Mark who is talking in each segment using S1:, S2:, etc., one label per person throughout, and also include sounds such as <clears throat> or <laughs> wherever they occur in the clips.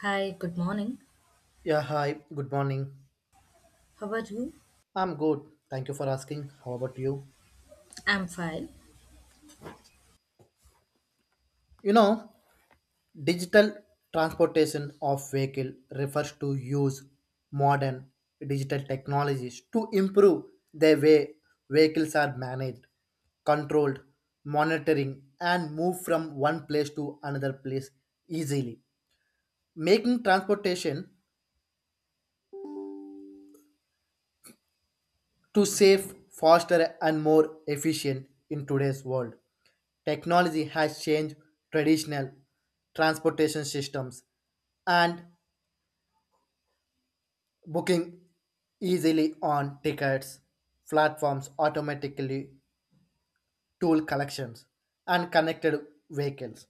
S1: Hi, good morning.
S2: Yeah, hi, good morning.
S1: How are you?
S2: I'm good. Thank you for asking. How about you?
S1: I'm fine.
S2: You know, Digital transportation of vehicle refers to use modern digital technologies to improve the way vehicles are managed, controlled, monitoring, and move from one place to another place easily, making transportation to safe, faster, and more efficient in today's world. Technology has changed traditional transportation systems and booking easily on tickets, platforms automatically, tool collections, and connected vehicles.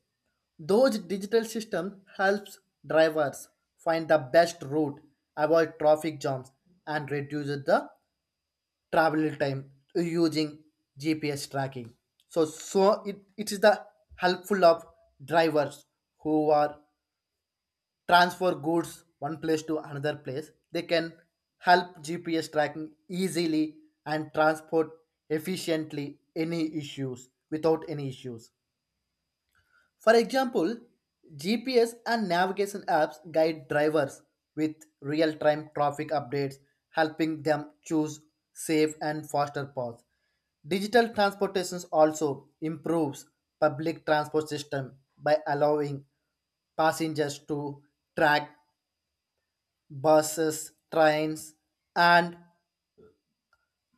S2: Those digital systems helps drivers find the best route, avoid traffic jams, and reduce the travel time using GPS tracking. So it is the helpful of drivers who are transfer goods one place to another place. They can help GPS tracking easily and transport efficiently any issues without any issues. For example, GPS and navigation apps guide drivers with real time traffic updates, helping them choose safe and faster paths. Digital transportations also improves public transport system by allowing passengers to track buses, trains, and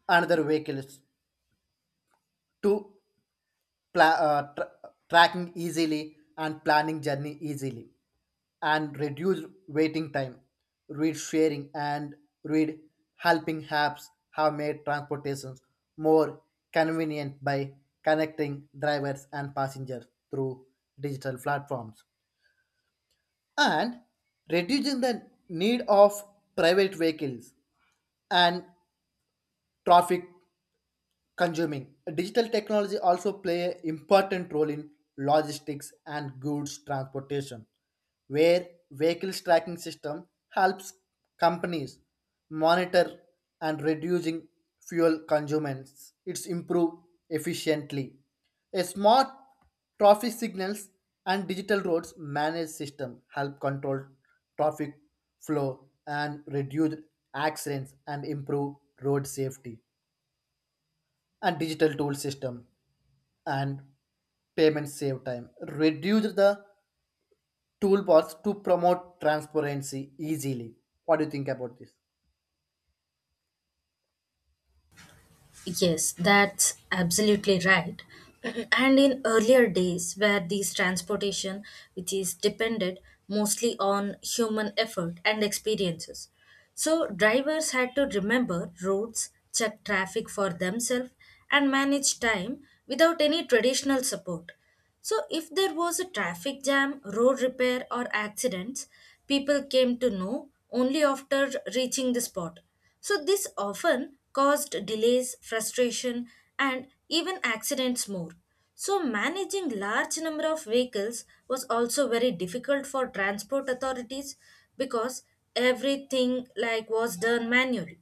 S2: another vehicles to pla- uh, tra- tracking easily and planning journey easily and reduce waiting time. Read sharing and read helping apps have made transportations more convenient by connecting drivers and passengers through digital platforms and reducing the need of private vehicles and traffic consuming. Digital technology also play an important role in logistics and goods transportation, where vehicles tracking system helps companies monitor and reducing fuel consumtions. It's improve efficiently. A smart traffic signals and digital roads manage system help control traffic flow and reduce accidents and improve road safety and digital tool system and payments save time. Reduce the toolbars to promote transparency easily. What do you think about this?
S1: Yes, that's absolutely right. <laughs> <clears throat> And in earlier days, where these transportation, which is depended mostly on human effort and experiences, so drivers had to remember routes, check traffic for themselves, and manage time without any traditional support. So if there was a traffic jam, road repair, or accidents, people came to know only after reaching the spot. So this often caused delays, frustration, and even accidents more. So managing large number of vehicles was also very difficult for transport authorities because everything like was done manually.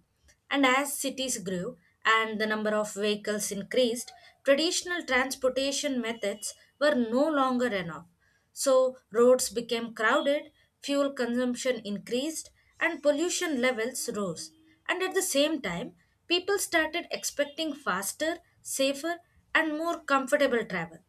S1: And as cities grew and the number of vehicles increased, traditional transportation methods were no longer enough. So roads became crowded, fuel consumption increased, and pollution levels rose. And at the same time, people started expecting faster, safer, and more comfortable travel.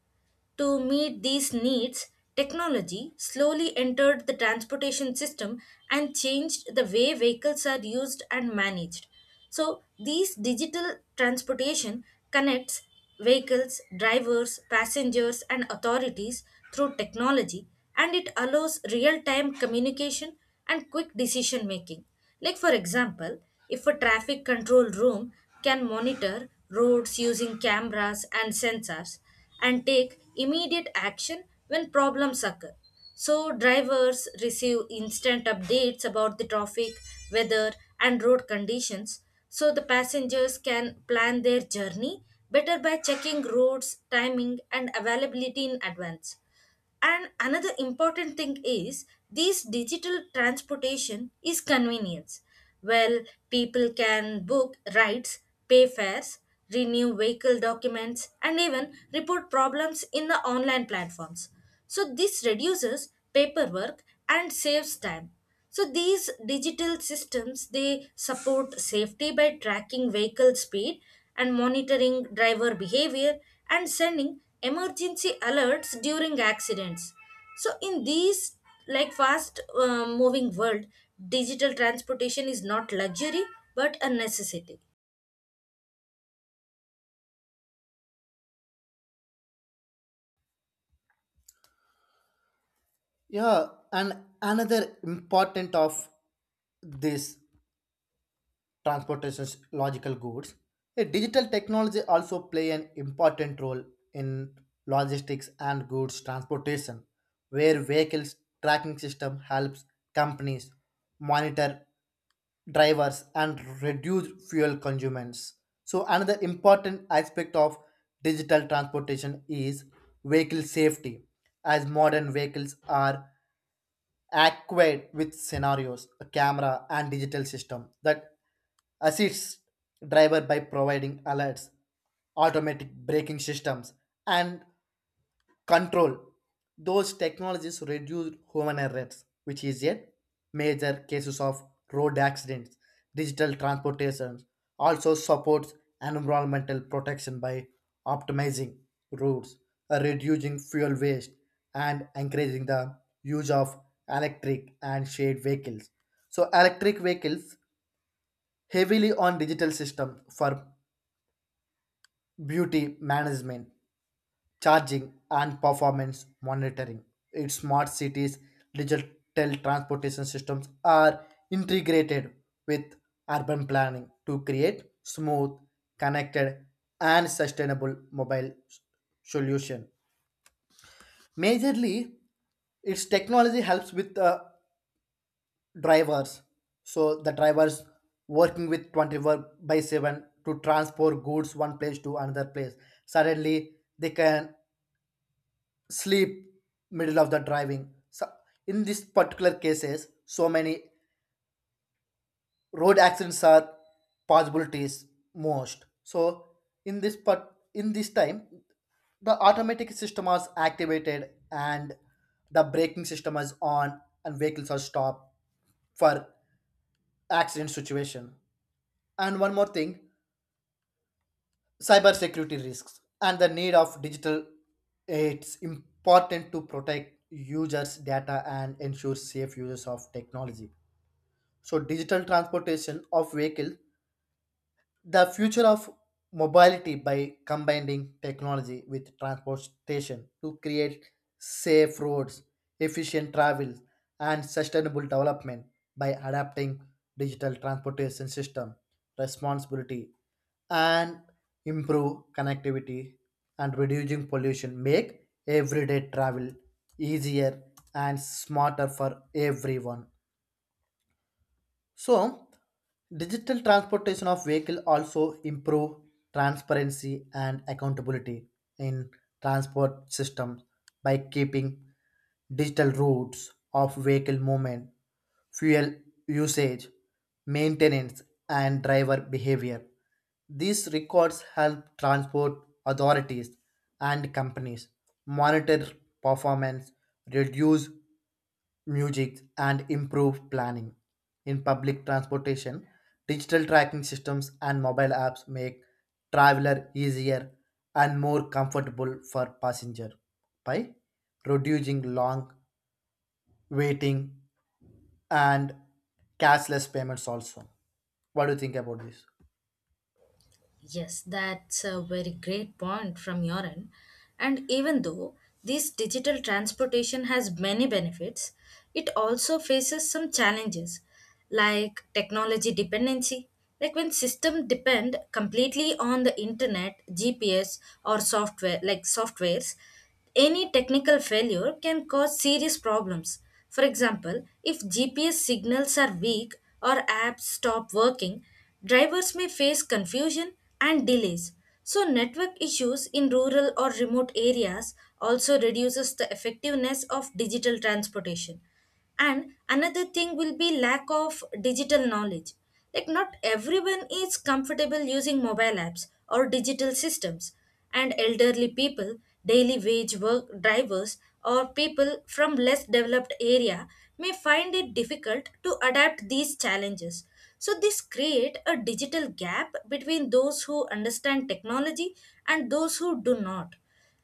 S1: To meet these needs, technology slowly entered the transportation system and changed the way vehicles are used and managed. So these digital transportation connects vehicles, drivers, passengers, and authorities through technology, and it allows real time communication and quick decision making. Like, for example, if a traffic control room can monitor roads using cameras and sensors, and take immediate action when problems occur. So drivers receive instant updates about the traffic, weather, and road conditions so the passengers can plan their journey better by checking roads, timing, and availability in advance. And another important thing is this digital transportation is convenience. Well, people can book rides, pay fares, renew vehicle documents, and even report problems in the online platforms. So this reduces paperwork and saves time. So these digital systems they support safety by tracking vehicle speed and monitoring driver behavior and sending emergency alerts during accidents. So in these like fast moving world, digital transportation is not luxury but a necessity.
S2: Yeah, and another important of this transportation's logical goods, a digital technology also play an important role in logistics and goods transportation, where vehicles tracking system helps companies monitor drivers and reduce fuel consumers. So another important aspect of digital transportation is vehicle safety as modern vehicles are equipped with scenarios, a camera and digital system that assists driver by providing alerts, automatic braking systems and control those technologies reduce human errors which is a major cases of road accidents digital transportation also supports environmental protection by optimizing routes reducing fuel waste and encouraging the use of electric and shared vehicles so electric vehicles heavily on digital system for beauty management charging and performance monitoring. Its smart cities, digital transportation systems are integrated with urban planning to create smooth, connected, and sustainable mobile solution. Majorly, its technology helps with drivers. So the drivers working with 24/7 to transport goods one place to another place. Suddenly, they can sleep middle of the driving so in this particular cases so many road accidents are possibilities most so in this part in this time the automatic system was activated and the braking system is on and vehicles are stopped for accident situation and one more thing cybersecurity risks and the need of digital it's important to protect users data and ensure safe uses of technology so digital transportation of vehicle the future of mobility by combining technology with transportation to create safe roads, efficient travel, and sustainable development by adapting digital transportation system responsibility and improve connectivity and reducing pollution make everyday travel easier and smarter for everyone so, digital transportation of vehicle also improve transparency and accountability in transport systems by keeping digital routes of vehicle movement, fuel usage, maintenance, and driver behavior. These records help transport authorities and companies monitor performance, reduce music, and improved planning. In public transportation, digital tracking systems and mobile apps make traveler easier and more comfortable for passenger by reducing long waiting and cashless payments also. What do you think about this?
S1: Yes, that's a very great point from your end. And even though this digital transportation has many benefits, it also faces some challenges like technology dependency. Like when systems depend completely on the internet, GPS or software like softwares, any technical failure can cause serious problems. For example, if GPS signals are weak or apps stop working, drivers may face confusion and delays. So network issues in rural or remote areas also reduces the effectiveness of digital transportation, and another thing will be lack of digital knowledge, like not everyone is comfortable using mobile apps or digital systems, and elderly people, daily wage work drivers, or people from less developed area may find it difficult to adapt these challenges. So this create a digital gap between those who understand technology and those who do not.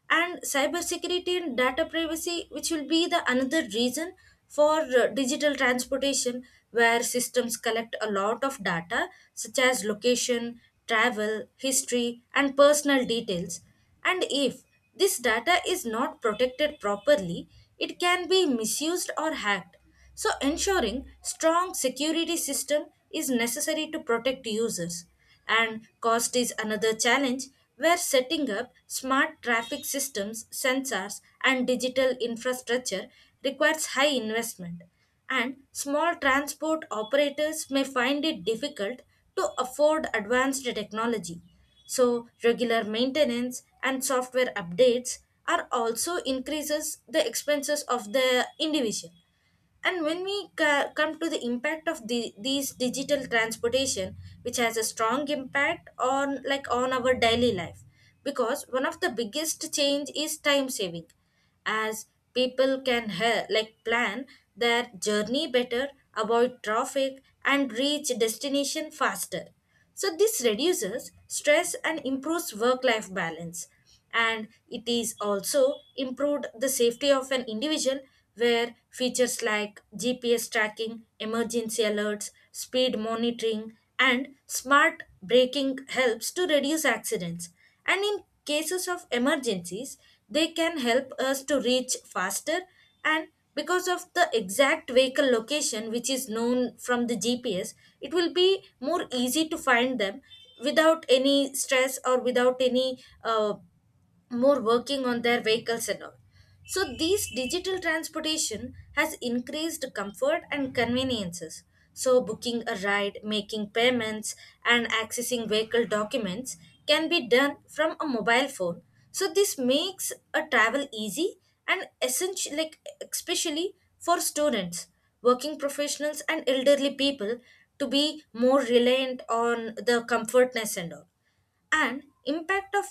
S1: And cybersecurity and data privacy, which will be the another reason for digital transportation, where systems collect a lot of data, such as location, travel, history, and personal details. And if this data is not protected properly, it can be misused or hacked, so ensuring strong security system is necessary to protect users. And cost is another challenge, where setting up smart traffic systems, sensors and digital infrastructure requires high investment, and small transport operators may find it difficult to afford advanced technology. So regular maintenance and software updates are also increases the expenses of the individual. And when we come to the impact of these digital transportation, which has a strong impact on like on our daily life, because one of the biggest change is time saving, as people can like plan their journey better, avoid traffic, and reach destination faster. So this reduces stress and improves work-life balance, and it is also improved the safety of an individual, where features like GPS tracking, emergency alerts, speed monitoring and smart braking helps to reduce accidents, and in cases of emergencies they can help us to reach faster, and because of the exact vehicle location which is known from the GPS it will be more easy to find them without any stress or without any more working on their vehicles and all. So these digital transportation has increased comfort and conveniences. So booking a ride, making payments and accessing vehicle documents can be done from a mobile phone. So this makes a travel easy and essential, like especially for students, working professionals and elderly people to be more reliant on the comfortness and all. And impact of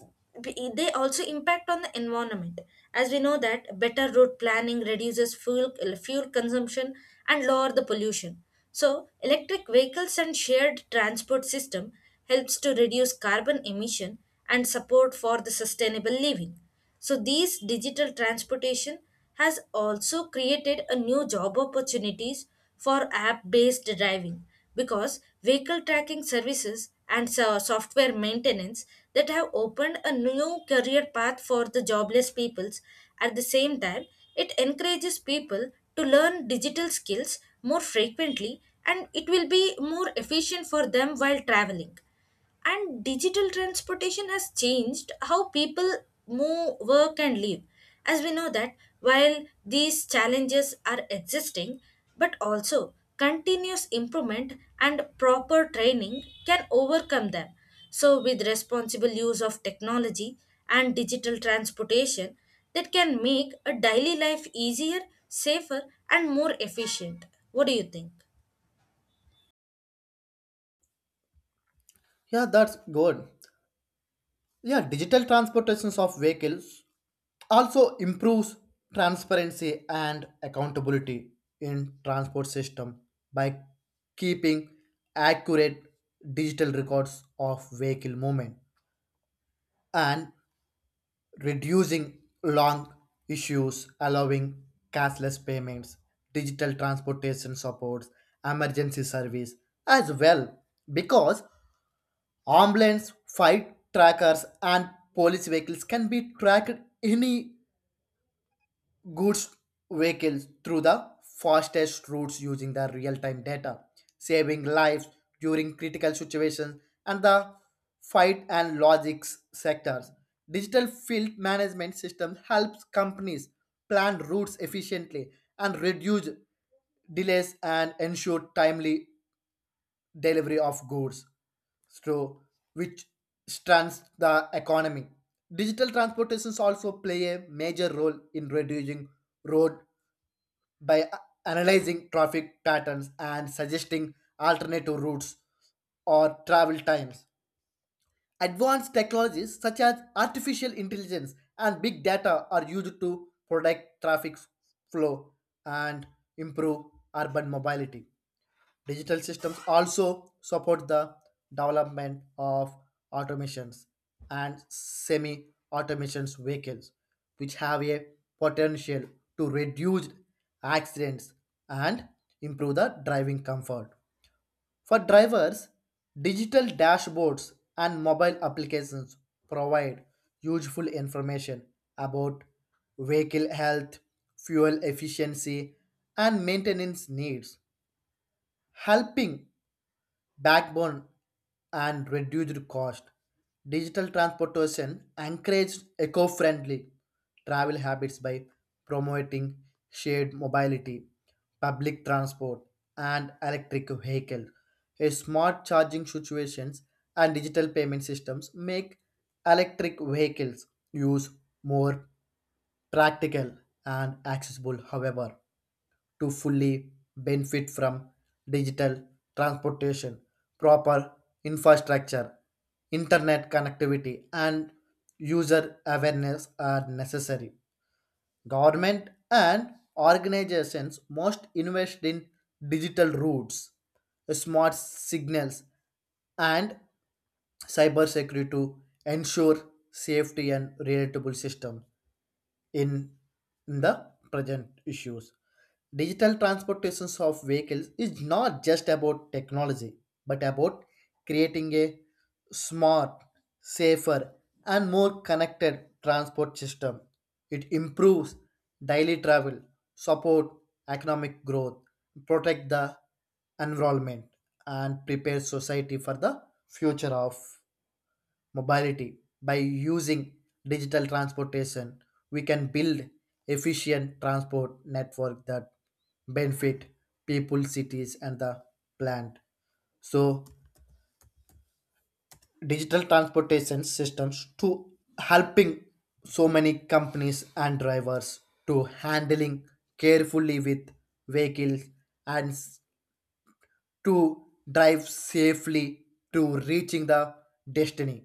S1: they also impact on the environment, as we know that better road planning reduces fuel consumption and lower the pollution. So electric vehicles and shared transport system helps to reduce carbon emission and support for the sustainable living. So these digital transportation has also created a new job opportunities for app-based driving, because vehicle tracking services and software maintenance that have opened a new career path for the jobless peoples. At the same time, it encourages people to learn digital skills more frequently, and it will be more efficient for them while traveling. And digital transportation has changed how people move, work, and live. As we know that while these challenges are existing, but also continuous improvement and proper training can overcome them. So with responsible use of technology and digital transportation, that can make a daily life easier, safer, and more efficient. What do you think?
S2: Yeah, that's good. Yeah, digital transportations of vehicles also improves transparency and accountability in transport system by keeping accurate digital records of vehicle movement and reducing long issues allowing cashless payments digital transportation supports emergency service as well because ambulance flight trackers and police vehicles can be tracked any goods vehicles through the fastest routes using the real-time data, saving lives during critical situations and the fight and logistics sectors. Digital field management system helps companies plan routes efficiently and reduce delays and ensure timely delivery of goods so which strengthens the economy. Digital transportations also play a major role in reducing road by analyzing traffic patterns and suggesting alternative routes or travel times. Advanced technologies such as artificial intelligence and big data are used to predict traffic flow and improve urban mobility. Digital systems also support the development of automations and semi automations vehicles, which have a potential to reduce accidents and improve the driving comfort. For drivers, digital dashboards and mobile applications provide useful information about vehicle health, fuel efficiency, and maintenance needs, helping backbone and reduced cost. Digital transportation encouraged eco-friendly travel habits by promoting shared mobility, public transport, and electric vehicles. A smart charging situations and digital payment systems make electric vehicles use more practical and accessible. However, to fully benefit from digital transportation, proper infrastructure, internet connectivity, and user awareness are necessary. Government and organizations must invest in digital routes, smart signals, and cybersecurity to ensure safety and relatable systems. In the present issues, digital transportations of vehicles is not just about technology, but about creating a smart, safer, and more connected transport system. It improves daily travel, support economic growth, protect the environment, and prepare society for the future of mobility. By using digital transportation, we can build efficient transport network that benefit people, cities, and the plant. So digital transportation systems to helping so many companies and drivers to handling carefully with vehicles and to drive safely to reaching the destiny.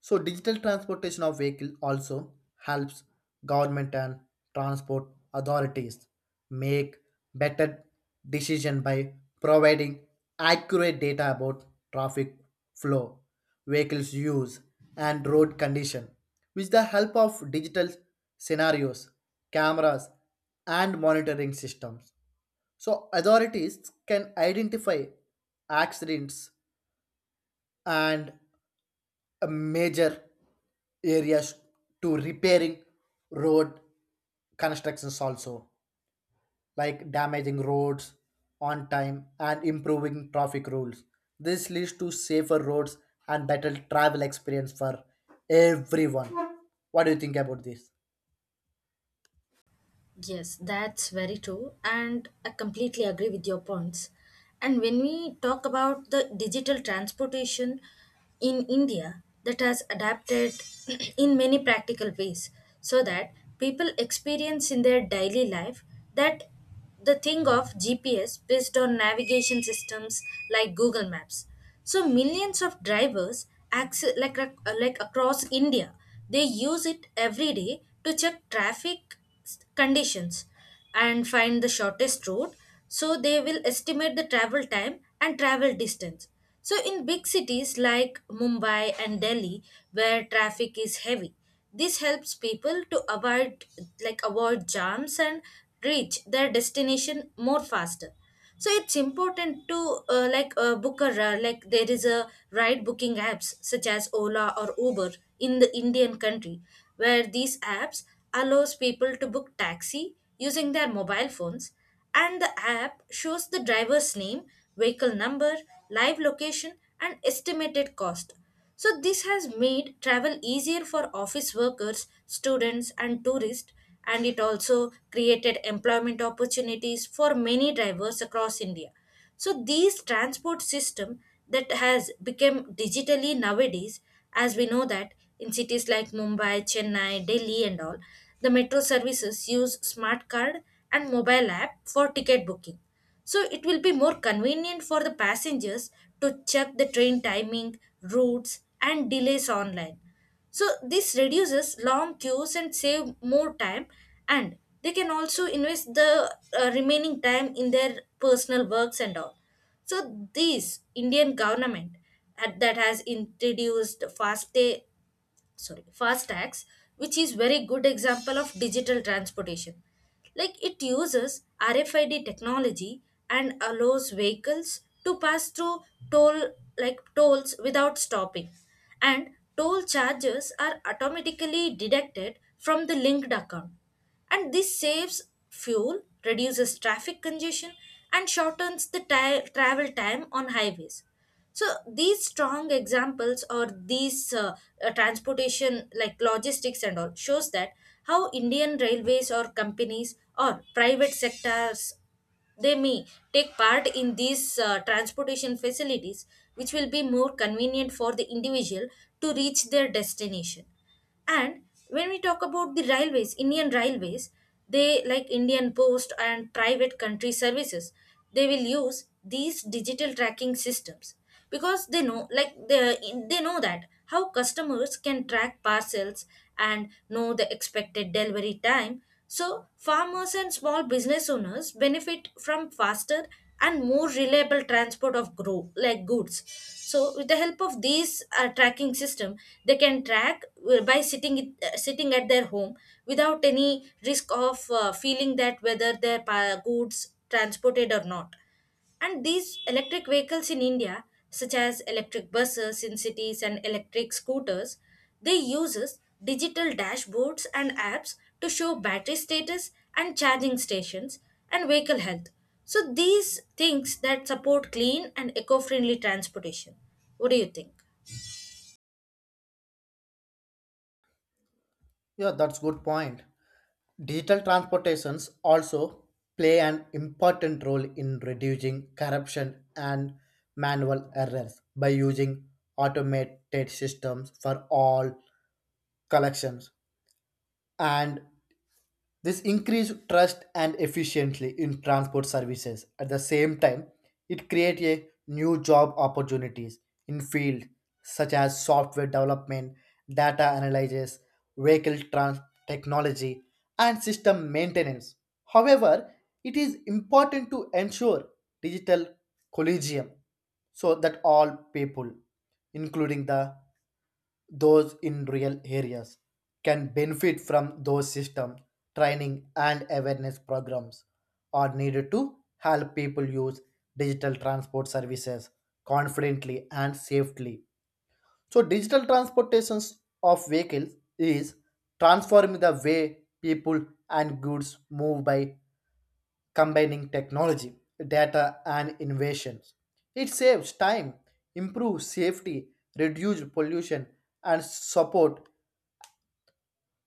S2: So digital transportation of vehicle also helps government and transport authorities make better decision by providing accurate data about traffic flow, vehicles use and road condition. With the help of digital scenarios, cameras and monitoring systems. So authorities can identify accidents and a major areas to repairing road constructions also like damaging roads on time and improving traffic rules this leads to safer roads and better travel experience for everyone. What do you think about this?
S1: Yes, that's very true. And I completely agree with your points. And when we talk about the digital transportation in India, that has adapted <clears throat> in many practical ways so that people experience in their daily life, that the thing of GPS based on navigation systems like Google Maps. So millions of drivers like across India, they use it every day to check traffic conditions and find the shortest route. So they will estimate the travel time and travel distance. So in big cities like Mumbai and Delhi, where traffic is heavy, this helps people to avoid jams and reach their destination more faster. So it's important to like like there is a ride booking apps such as Ola or Uber in the Indian country, where these apps allows people to book taxi using their mobile phones, and the app shows the driver's name, vehicle number, live location, and estimated cost. So this has made travel easier for office workers, students, and tourists, and it also created employment opportunities for many drivers across India. So these transport system that has become digitally nowadays, as we know that in cities like Mumbai, Chennai, Delhi, and all, the metro services use smart card and mobile app for ticket booking. So it will be more convenient for the passengers to check the train timing, routes, and delays online. So this reduces long queues and save more time, and they can also invest the remaining time in their personal works and all. So this Indian government that has introduced fast day sorry fastax, which is very good example of digital transportation, like it uses RFID technology and allows vehicles to pass through toll like tolls without stopping, and toll charges are automatically deducted from the linked account, and this saves fuel, reduces traffic congestion, and shortens the travel time on highways. So these strong examples or these transportation like logistics and all shows that how indian railways or companies or private sectors, they may take part in these transportation facilities, which will be more convenient for the individual to reach their destination. And when we talk about the railways, indian railways, they like indian post and private country services, they will use these digital tracking systems, because they know like they know that how customers can track parcels and know the expected delivery time. So farmers and small business owners benefit from faster and more reliable transport of grow like goods. So with the help of these tracking system they can track by sitting at their home without any risk of feeling that whether their goods transported or not. And these electric vehicles in India, such as electric buses in cities and electric scooters, they uses digital dashboards and apps to show battery status and charging stations and vehicle health. So these things that support clean and eco-friendly transportation. What do you think?
S2: Yeah, that's good point. Digital transportations also play an important role in reducing corruption and manual errors by using automated systems for all collections and this increased trust and efficiency in transport services. At the same time, it creates a new job opportunities in field such as software development, data analysis, vehicle trans- technology, and system maintenance. However, it is important to ensure digital collegium so that all people, including the those in rural areas can benefit from those systems training and awareness programs are needed to help people use digital transport services confidently and safely so digital transportations of vehicles is transforming the way people and goods move by combining technology data and innovations it saves time improves safety reduces pollution and support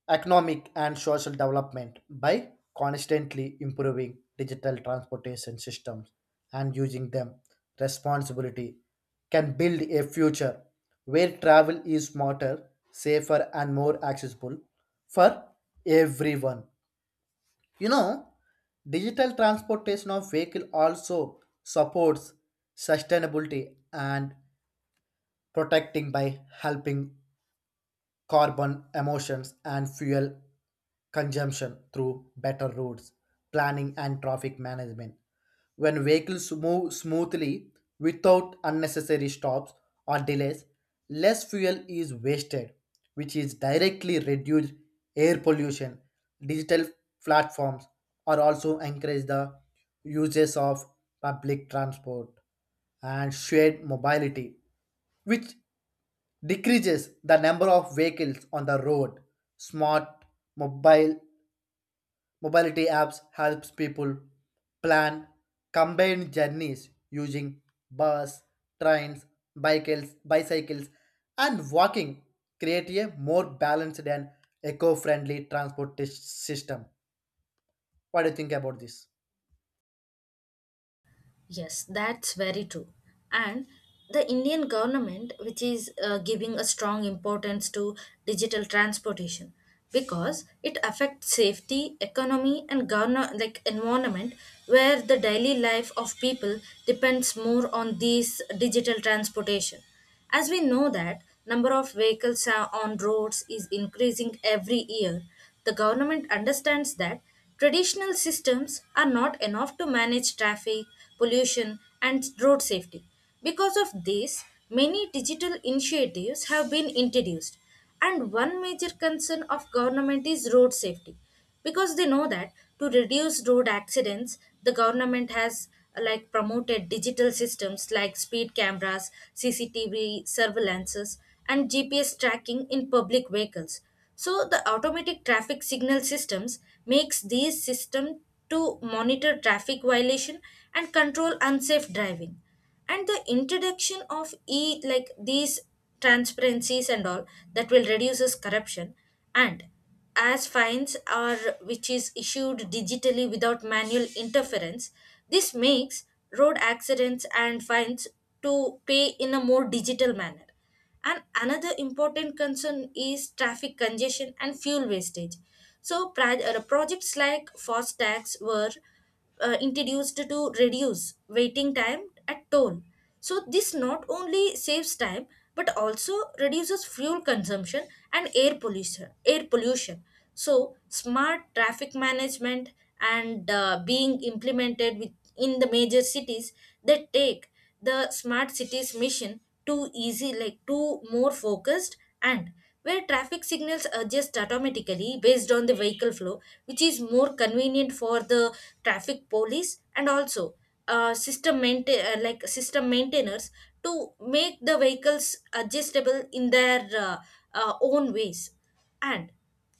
S2: economic and social development by constantly improving digital transportation systems and using them responsibility can build a future where travel is smarter safer and more accessible for everyone. you know Digital transportation of vehicle also supports sustainability and protecting by helping carbon emissions and fuel consumption through better roads, planning, and traffic management. When vehicles move smoothly without unnecessary stops or delays, less fuel is wasted, which is directly reduced air pollution. Digital platforms are also encourage the uses of public transport and shared mobility, which decreases the number of vehicles on the road. Smart mobile mobility apps helps people plan combined journeys using bus, trains, bicycles and walking create a more balanced and eco-friendly transport system. What do you think about this?
S1: Yes, that's very true. And the Indian government, which is giving a strong importance to digital transportation, because it affects safety, economy, and govern like environment, where the daily life of people depends more on these digital transportation. As we know that number of vehicles are on roads is increasing every year, the government understands that traditional systems are not enough to manage traffic, pollution and road safety. Because of this, many digital initiatives have been introduced, and one major concern of government is road safety, because they know that to reduce road accidents the government has like promoted digital systems like speed cameras, CCTV surveillances and GPS tracking in public vehicles. So the automatic traffic signal systems makes these systems to monitor traffic violation and control unsafe driving. And the introduction of e like these transparencies and all, that will reduces corruption, and as fines are which is issued digitally without manual interference, this makes road accidents and fines to pay in a more digital manner. And another important concern is traffic congestion and fuel wastage, so projects like FASTags were introduced to reduce waiting time at toll. So this not only saves time but also reduces fuel consumption and air pollution. Air pollution. So smart traffic management and being implemented in the major cities, that take the smart cities mission too easy, like too more focused, and where traffic signals adjust automatically based on the vehicle flow, which is more convenient for the traffic police and also system maintain like system maintainers to make the vehicles adjustable in their own ways. And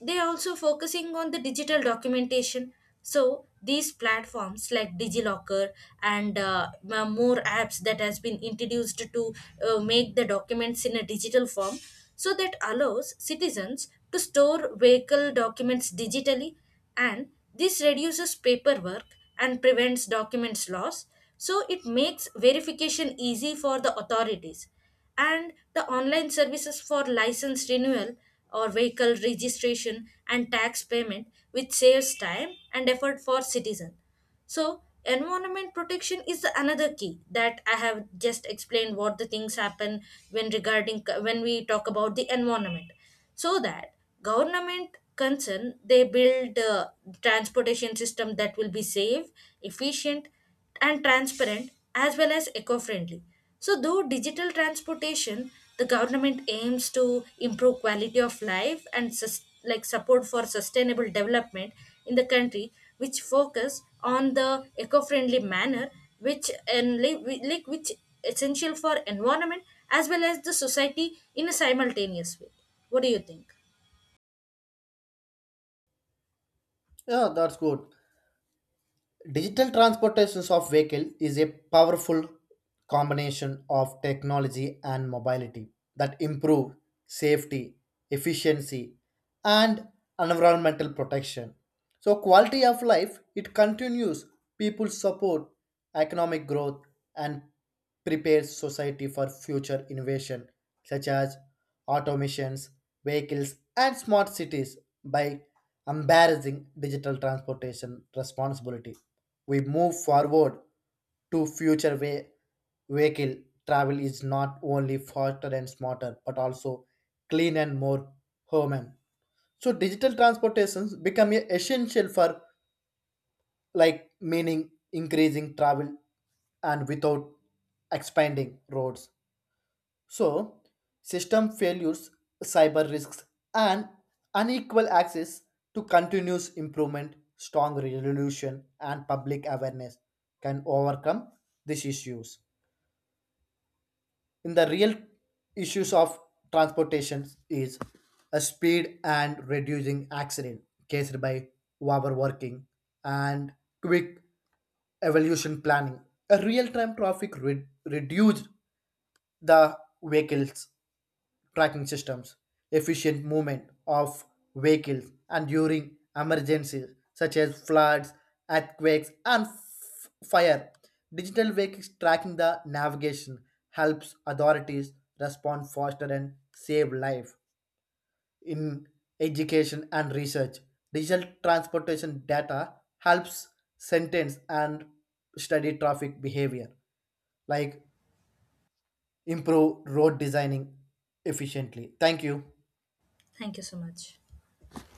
S1: they are also focusing on the digital documentation, so these platforms like digilocker and more apps that has been introduced to make the documents in a digital form, so that allows citizens to store vehicle documents digitally, and this reduces paperwork and prevents documents loss, so it makes verification easy for the authorities. And the online services for license renewal or vehicle registration and tax payment which saves time and effort for citizen. So environment protection is the another key that I have just explained what the things happen when regarding when we talk about the environment. So that government concern they build transportation system that will be safe, efficient and transparent as well as eco-friendly. So though digital transportation the government aims to improve quality of life and like support for sustainable development in the country, which focus on the eco-friendly manner, which and like which essential for environment as well as the society in a simultaneous way. What do you think?
S2: Yeah, that's good. Digital transportations of vehicle is a powerful combination of technology and mobility that improve safety, efficiency, and environmental protection. So quality of life it continues people support economic growth and prepares society for future innovation such as automations, vehicles and smart cities by embarrassing digital transportation responsibility we move forward to future way vehicle travel is not only faster and smarter but also clean and more human so digital transportations become essential for like meaning increasing travel and without expanding roads so, system failures, cyber risks, and unequal access to continuous improvement, strong resolution, and public awareness can overcome these issues. In the real issues of transportation is a speed and reducing accident caused by overworking and quick evolution planning. A real-time traffic reduced the vehicles tracking systems, efficient movement of vehicles, and during emergencies such as floods, earthquakes, and fire. Digital vehicles tracking the navigation helps authorities respond faster and save life. In education and research, digital transportation data helps sentence and study traffic behavior, like improve road designing efficiently. Thank you.
S1: Thank you so much.